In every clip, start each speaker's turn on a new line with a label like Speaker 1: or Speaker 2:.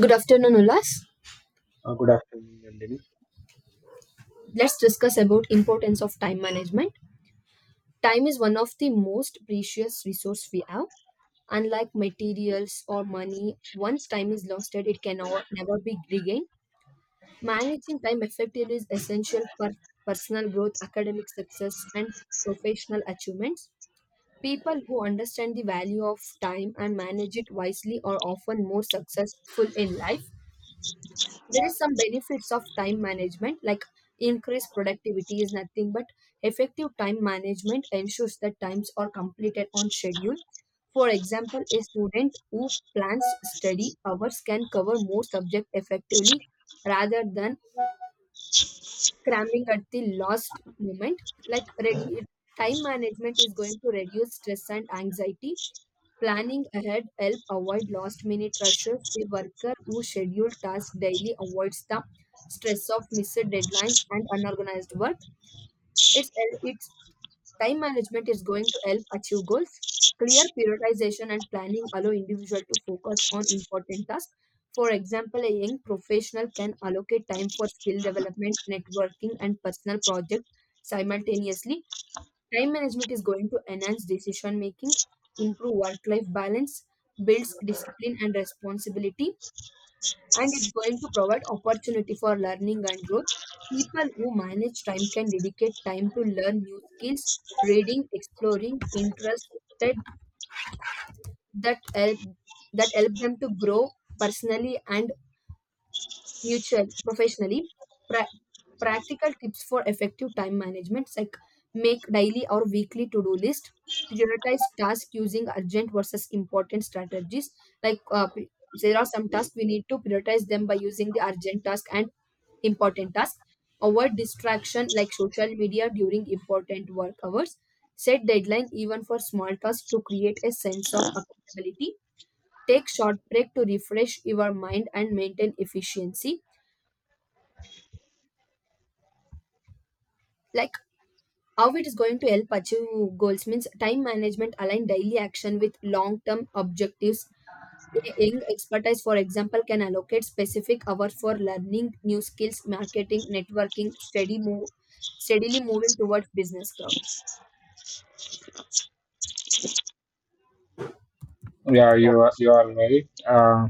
Speaker 1: Good afternoon, Ulas. Let's discuss about importance of time management. Time is one of the most precious resource we have. Unlike materials or money, once time is lost,ed it can never be regained. Managing time effectively is essential for personal growth, academic success, and professional achievements. People who understand the value of time and manage it wisely are often more successful in life. There is some benefits of time management, like increased productivity is nothing but effective time management ensures that times are completed on schedule. For example, a student who plans study hours can cover more subject effectively rather than cramming at the last moment. Like ready, time management is going to reduce stress and anxiety. Planning ahead help avoid last minute rushes. A worker who schedule tasks daily avoids the stress of missed deadlines and unorganized work. It's it's Time management is going to help achieve goals. Clear prioritization and planning allow individual to focus on important tasks. For example, a young professional can allocate time for skill development, networking, and personal projects simultaneously. Time management is going to enhance decision making, improve work life balance, builds discipline and responsibility, and it's going to provide opportunity for learning and growth. People who manage time can dedicate time to learn new skills, reading, exploring, interested, that help that help them to grow personally and mutual professionally. pra- Practical tips for effective time management, like make daily or weekly to-do list, prioritize tasks using urgent versus important strategies, like there are some tasks we need to prioritize them by using the urgent task and important task, avoid distraction like social media during important work hours, set deadline even for small tasks to create a sense of accountability, take short break to refresh your mind and maintain efficiency. Like how it is going to help achieve goals means time management align daily action with long term objectives. Young expertise for example can allocate specific hours for learning new skills marketing networking steady move steadily moving towards business growth
Speaker 2: Yeah, you are right. Uh,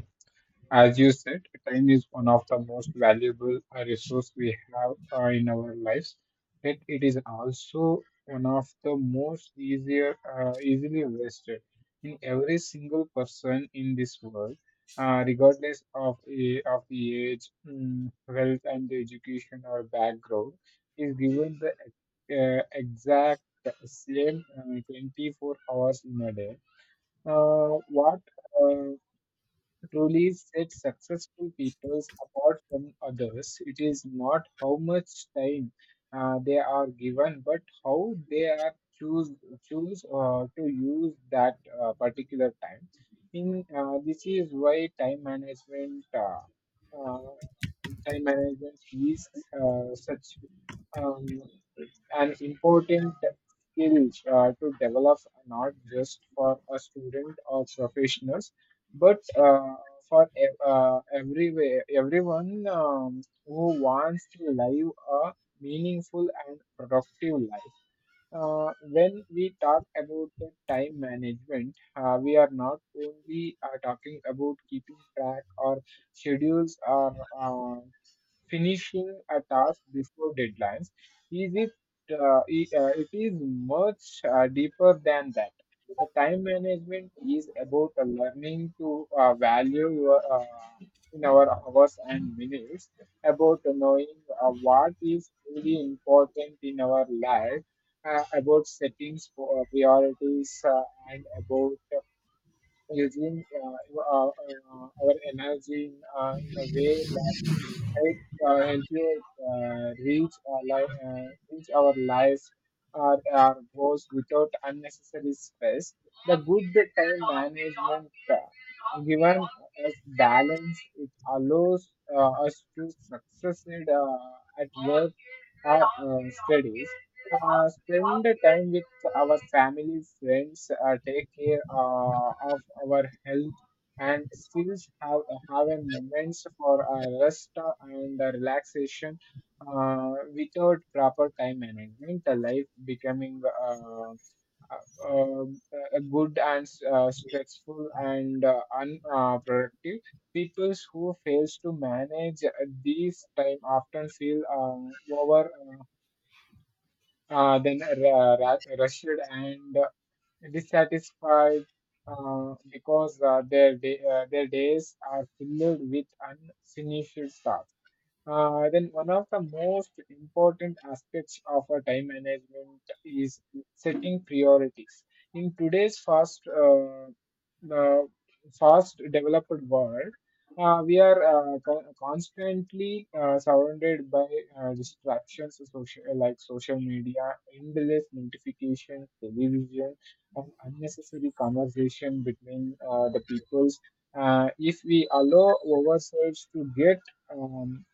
Speaker 2: as you said, time is one of the most valuable resource we have in our lives. Yet it is also one of the most easier easily wasted in every single person in this world, regardless of of the age, wealth, and education or background, is given the exact same 24 hours in a day. What uh, Truly sets successful people apart from others, it is not how much time they are given, but how they are choose to use that particular time. In This is why time management, uh, time management is such. Um, an important skill to develop, not just for a student or professionals, but for everyone who wants to live a meaningful and productive life. When we talk about the time management, we are not only talking about keeping track or schedules or finishing a task before deadlines. Is it? It is much deeper than that. The Time management is about learning to value your, in our hours and minutes, about knowing what is really important in our life, about settings, po- priorities, and about using our energy in a way help help you uh, reach our life, uh, reach our lives or our goals without unnecessary stress. The Good time management given us balance. It allows us to succeed at work or studies. Spend the time with our families, friends, take care of our health, and skills have having moments for rest and relaxation. Without proper time management, the life becoming uh, uh, a good and stressful and unproductive. People who fails to manage these time often feel over then ra- ra- rushed and dissatisfied because their days are filled with unfinished tasks. Then one of the most important aspects of a time management is setting priorities. In today's the fast developed world, we are constantly surrounded by distractions, like social media, endless notifications, television, and unnecessary conversation between the peoples. If we allow ourselves to get um,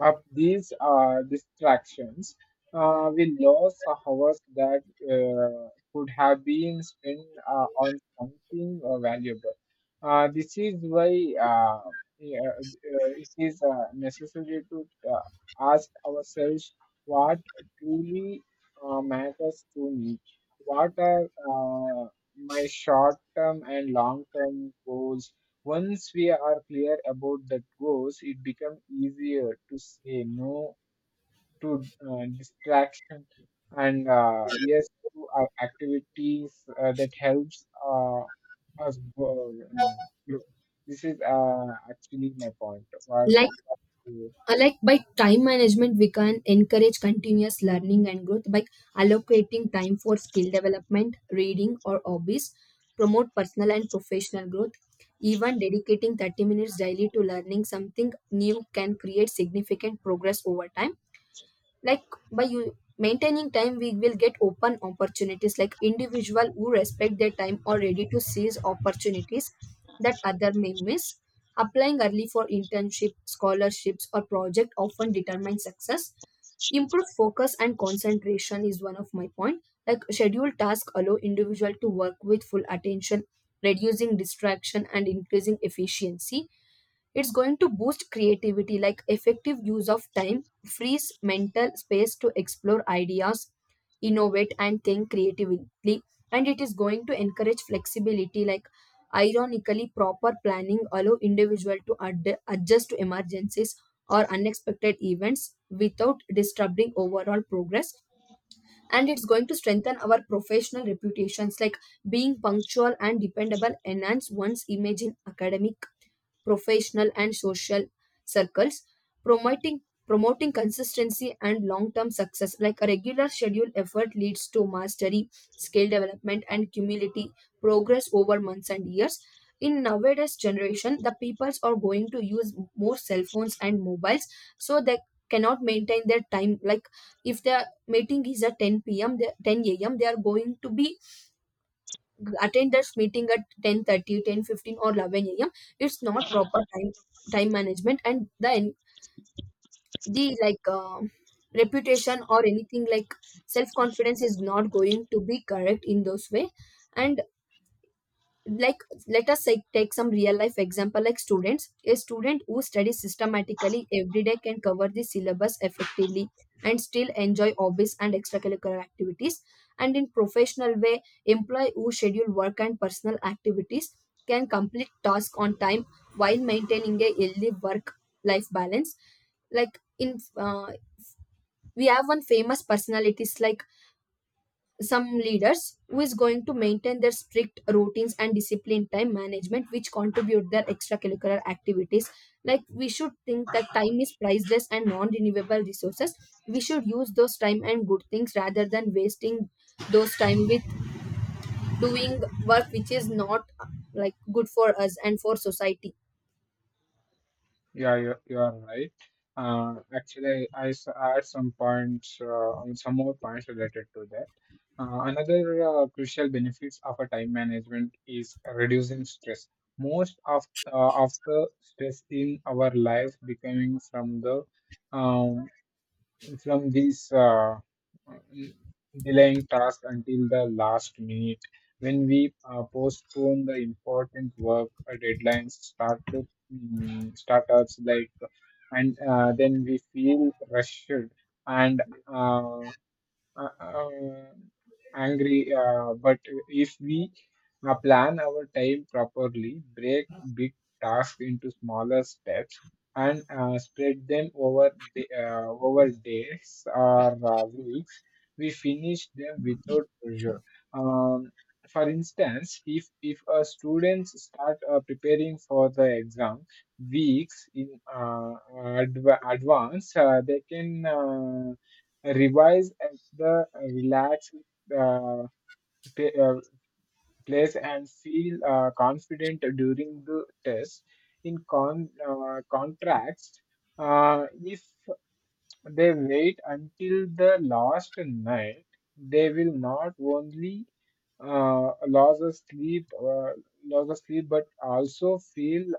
Speaker 2: of these distractions, we lost hours that could have been spent on something valuable. This is why uh, yeah, it is necessary to ask ourselves what truly matters to me. What are my short term and long term goals? Once we are clear about the goals, it becomes easier to say no to distraction, and yes to our activities that helps us grow. This is actually my point. What-
Speaker 1: like. Like by time management we can encourage continuous learning and growth by allocating time for skill development, reading, or hobbies, promote personal and professional growth. Even dedicating 30 minutes daily to learning something new can create significant progress over time. Like by you maintaining time we will get open opportunities, like individual who respect their time or ready to seize opportunities that other may miss. Applying early for internship, scholarships, or project often determines success. Improved focus and concentration is one of my point, like scheduled tasks allow individual to work with full attention, reducing distraction and increasing efficiency. It's going to boost creativity, like effective use of time, frees mental space to explore ideas, innovate, and think creatively. And it is going to encourage flexibility, like ironically, proper planning allow individual to adjust to emergencies or unexpected events without disturbing overall progress. And it's going to strengthen our professional reputations, like being punctual and dependable enhance one's image in academic, professional, and social circles, promoting promoting consistency and long-term success, like a regular schedule effort leads to mastery, skill development, and cumulative progress over months and years. In nowadays generation the peoples are going to use more cell phones and mobiles, so they cannot maintain their time. Like if they meeting is at 10 p.m., 10 a.m., they are going to be attend this meeting at 10:30, 10:15, or 11 a.m. It's not proper time management, and then the like reputation or anything, like self confidence is not going to be correct in those way. And like, let us say, take some real life example, like students, a student who studies systematically every day can cover the syllabus effectively and still enjoy hobbies and extracurricular activities. And in professional way, employee who schedule work and personal activities can complete task on time while maintaining a healthy work life balance. Like in we have one famous personalities, like some leaders who is going to maintain their strict routines and disciplined time management which contribute their extracurricular activities. Like we should think that time is priceless and non-renewable resources. We should use those time and good things rather than wasting those time with doing work which is not like good for us and for society.
Speaker 2: Yeah, you are right. Actually, add some points, some more points related to that. Another crucial benefits of a time management is reducing stress. Most of the stress in our life becoming from um, these delaying tasks until the last minute. When we postpone the important work deadlines, start to startups like, and then we feel rushed and uh, uh, uh, angry. But if we plan our time properly, break big tasks into smaller steps, and spread them over days or weeks, we finish them without pressure. Um, for instance, if a students start preparing for the exam weeks in advance, they can revise at the relaxed uh, pa- uh, place and feel confident during the test. In contrast, if they wait until the last night, they will not only uh, lose a sleep, uh, lose a sleep, but also feel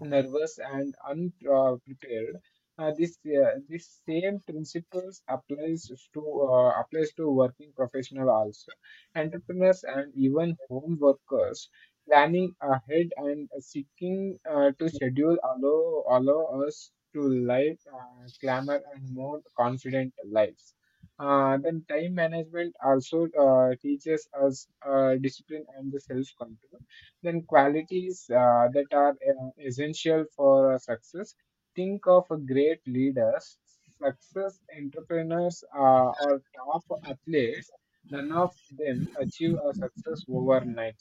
Speaker 2: nervous and unprepared. This this same principles applies to working professional also. Entrepreneurs and even home workers planning ahead and seeking to schedule allow us to live calmer and more confident lives. Then time management also teaches us discipline and the self control, then qualities that are essential for success. Think of a great leaders, success entrepreneurs, or top athletes. None of them achieve a success overnight.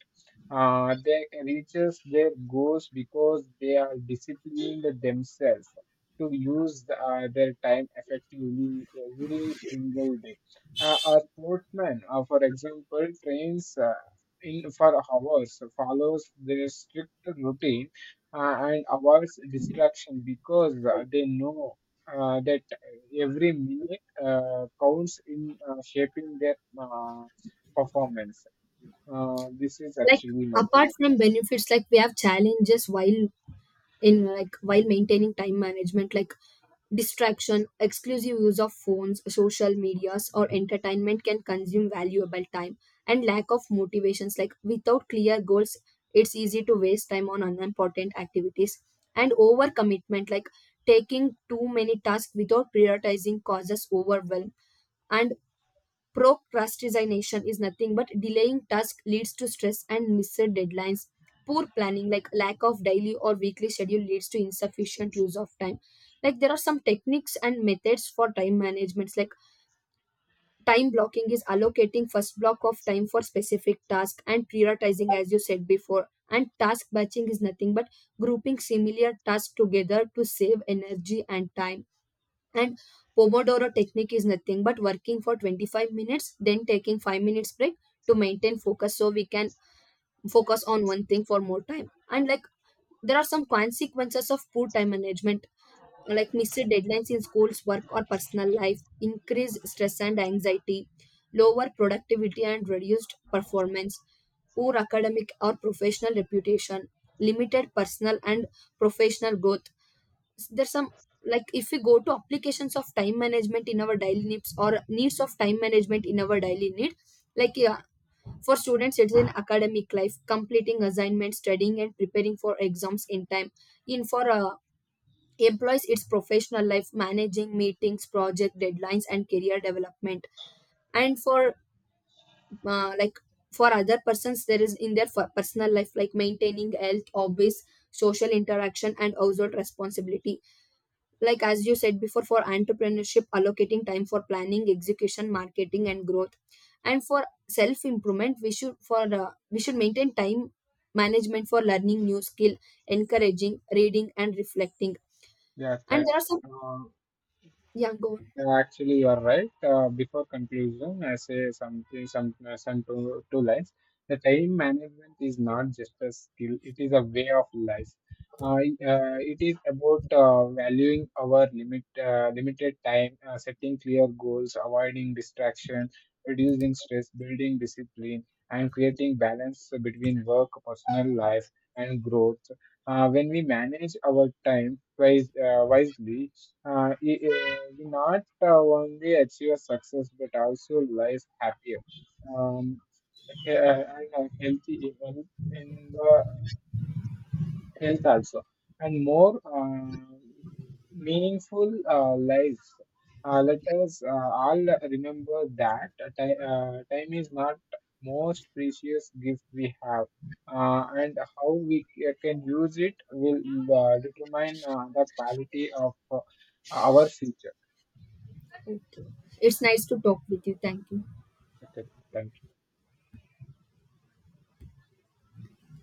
Speaker 2: They reaches their goals because they are disciplined themselves to use their time effectively every single day. A sportsman, for example, trains in for hours, follows their strict routine, and avoids distraction because they know that every minute counts in shaping their performance. This is
Speaker 1: Like
Speaker 2: actually my point.
Speaker 1: apart from benefits, like we have challenges while in, like while maintaining time management, like distraction, exclusive use of phones, social medias, or entertainment can consume valuable time, and lack of motivations, like without clear goals it's easy to waste time on unimportant activities, and overcommitment like taking too many tasks without prioritizing causes overwhelm, and procrastination is nothing but delaying tasks leads to stress and missed deadlines. Poor planning, like lack of daily or weekly schedule, leads to insufficient use of time. Like there are some techniques and methods for time management. Like time blocking is allocating first block of time for specific task and prioritizing, as you said before. And task batching is nothing but grouping similar tasks together to save energy and time. And Pomodoro technique is nothing but working for 25 minutes, then taking 5 minutes break to maintain focus so we can focus on one thing for more time. And like there are some consequences of poor time management, like missed deadlines in schools, work, or personal life, increased stress and anxiety, lower productivity and reduced performance, poor academic or professional reputation, limited personal and professional growth. There's some, like if we go to applications of time management in our daily needs, or needs of time management in our daily need, like yeah, for students it's in academic life completing assignments, studying, and preparing for exams in time. In for employees, it's professional life managing meetings, project deadlines, and career development. And for like for other persons there is in their for personal life, like maintaining health, hobbies, social interaction, and household responsibility. Like as you said before, for entrepreneurship allocating time for planning, execution, marketing, and growth. And for self improvement, we should for we should maintain time management for learning new skill, encouraging reading and reflecting.
Speaker 2: Yeah,
Speaker 1: And
Speaker 2: that.
Speaker 1: there are some,
Speaker 2: Uh,
Speaker 1: yeah, go on.
Speaker 2: Yeah, actually, you are right. Before conclusion, I say something, some two, two lines. The time management is not just a skill; it is a way of life. It is about valuing our limited time, setting clear goals, avoiding distraction, reducing stress, building discipline, and creating balance between work, personal life, and growth. When we manage our time wisely, we not only achieve success but also life happier, um, he- and healthy even in the health also, and more meaningful lives. Let us all remember that time is not most precious gift we have, and how we can use it will determine the quality of our future.
Speaker 1: Okay, it's nice to talk with you. Thank you.
Speaker 2: Okay, thank you.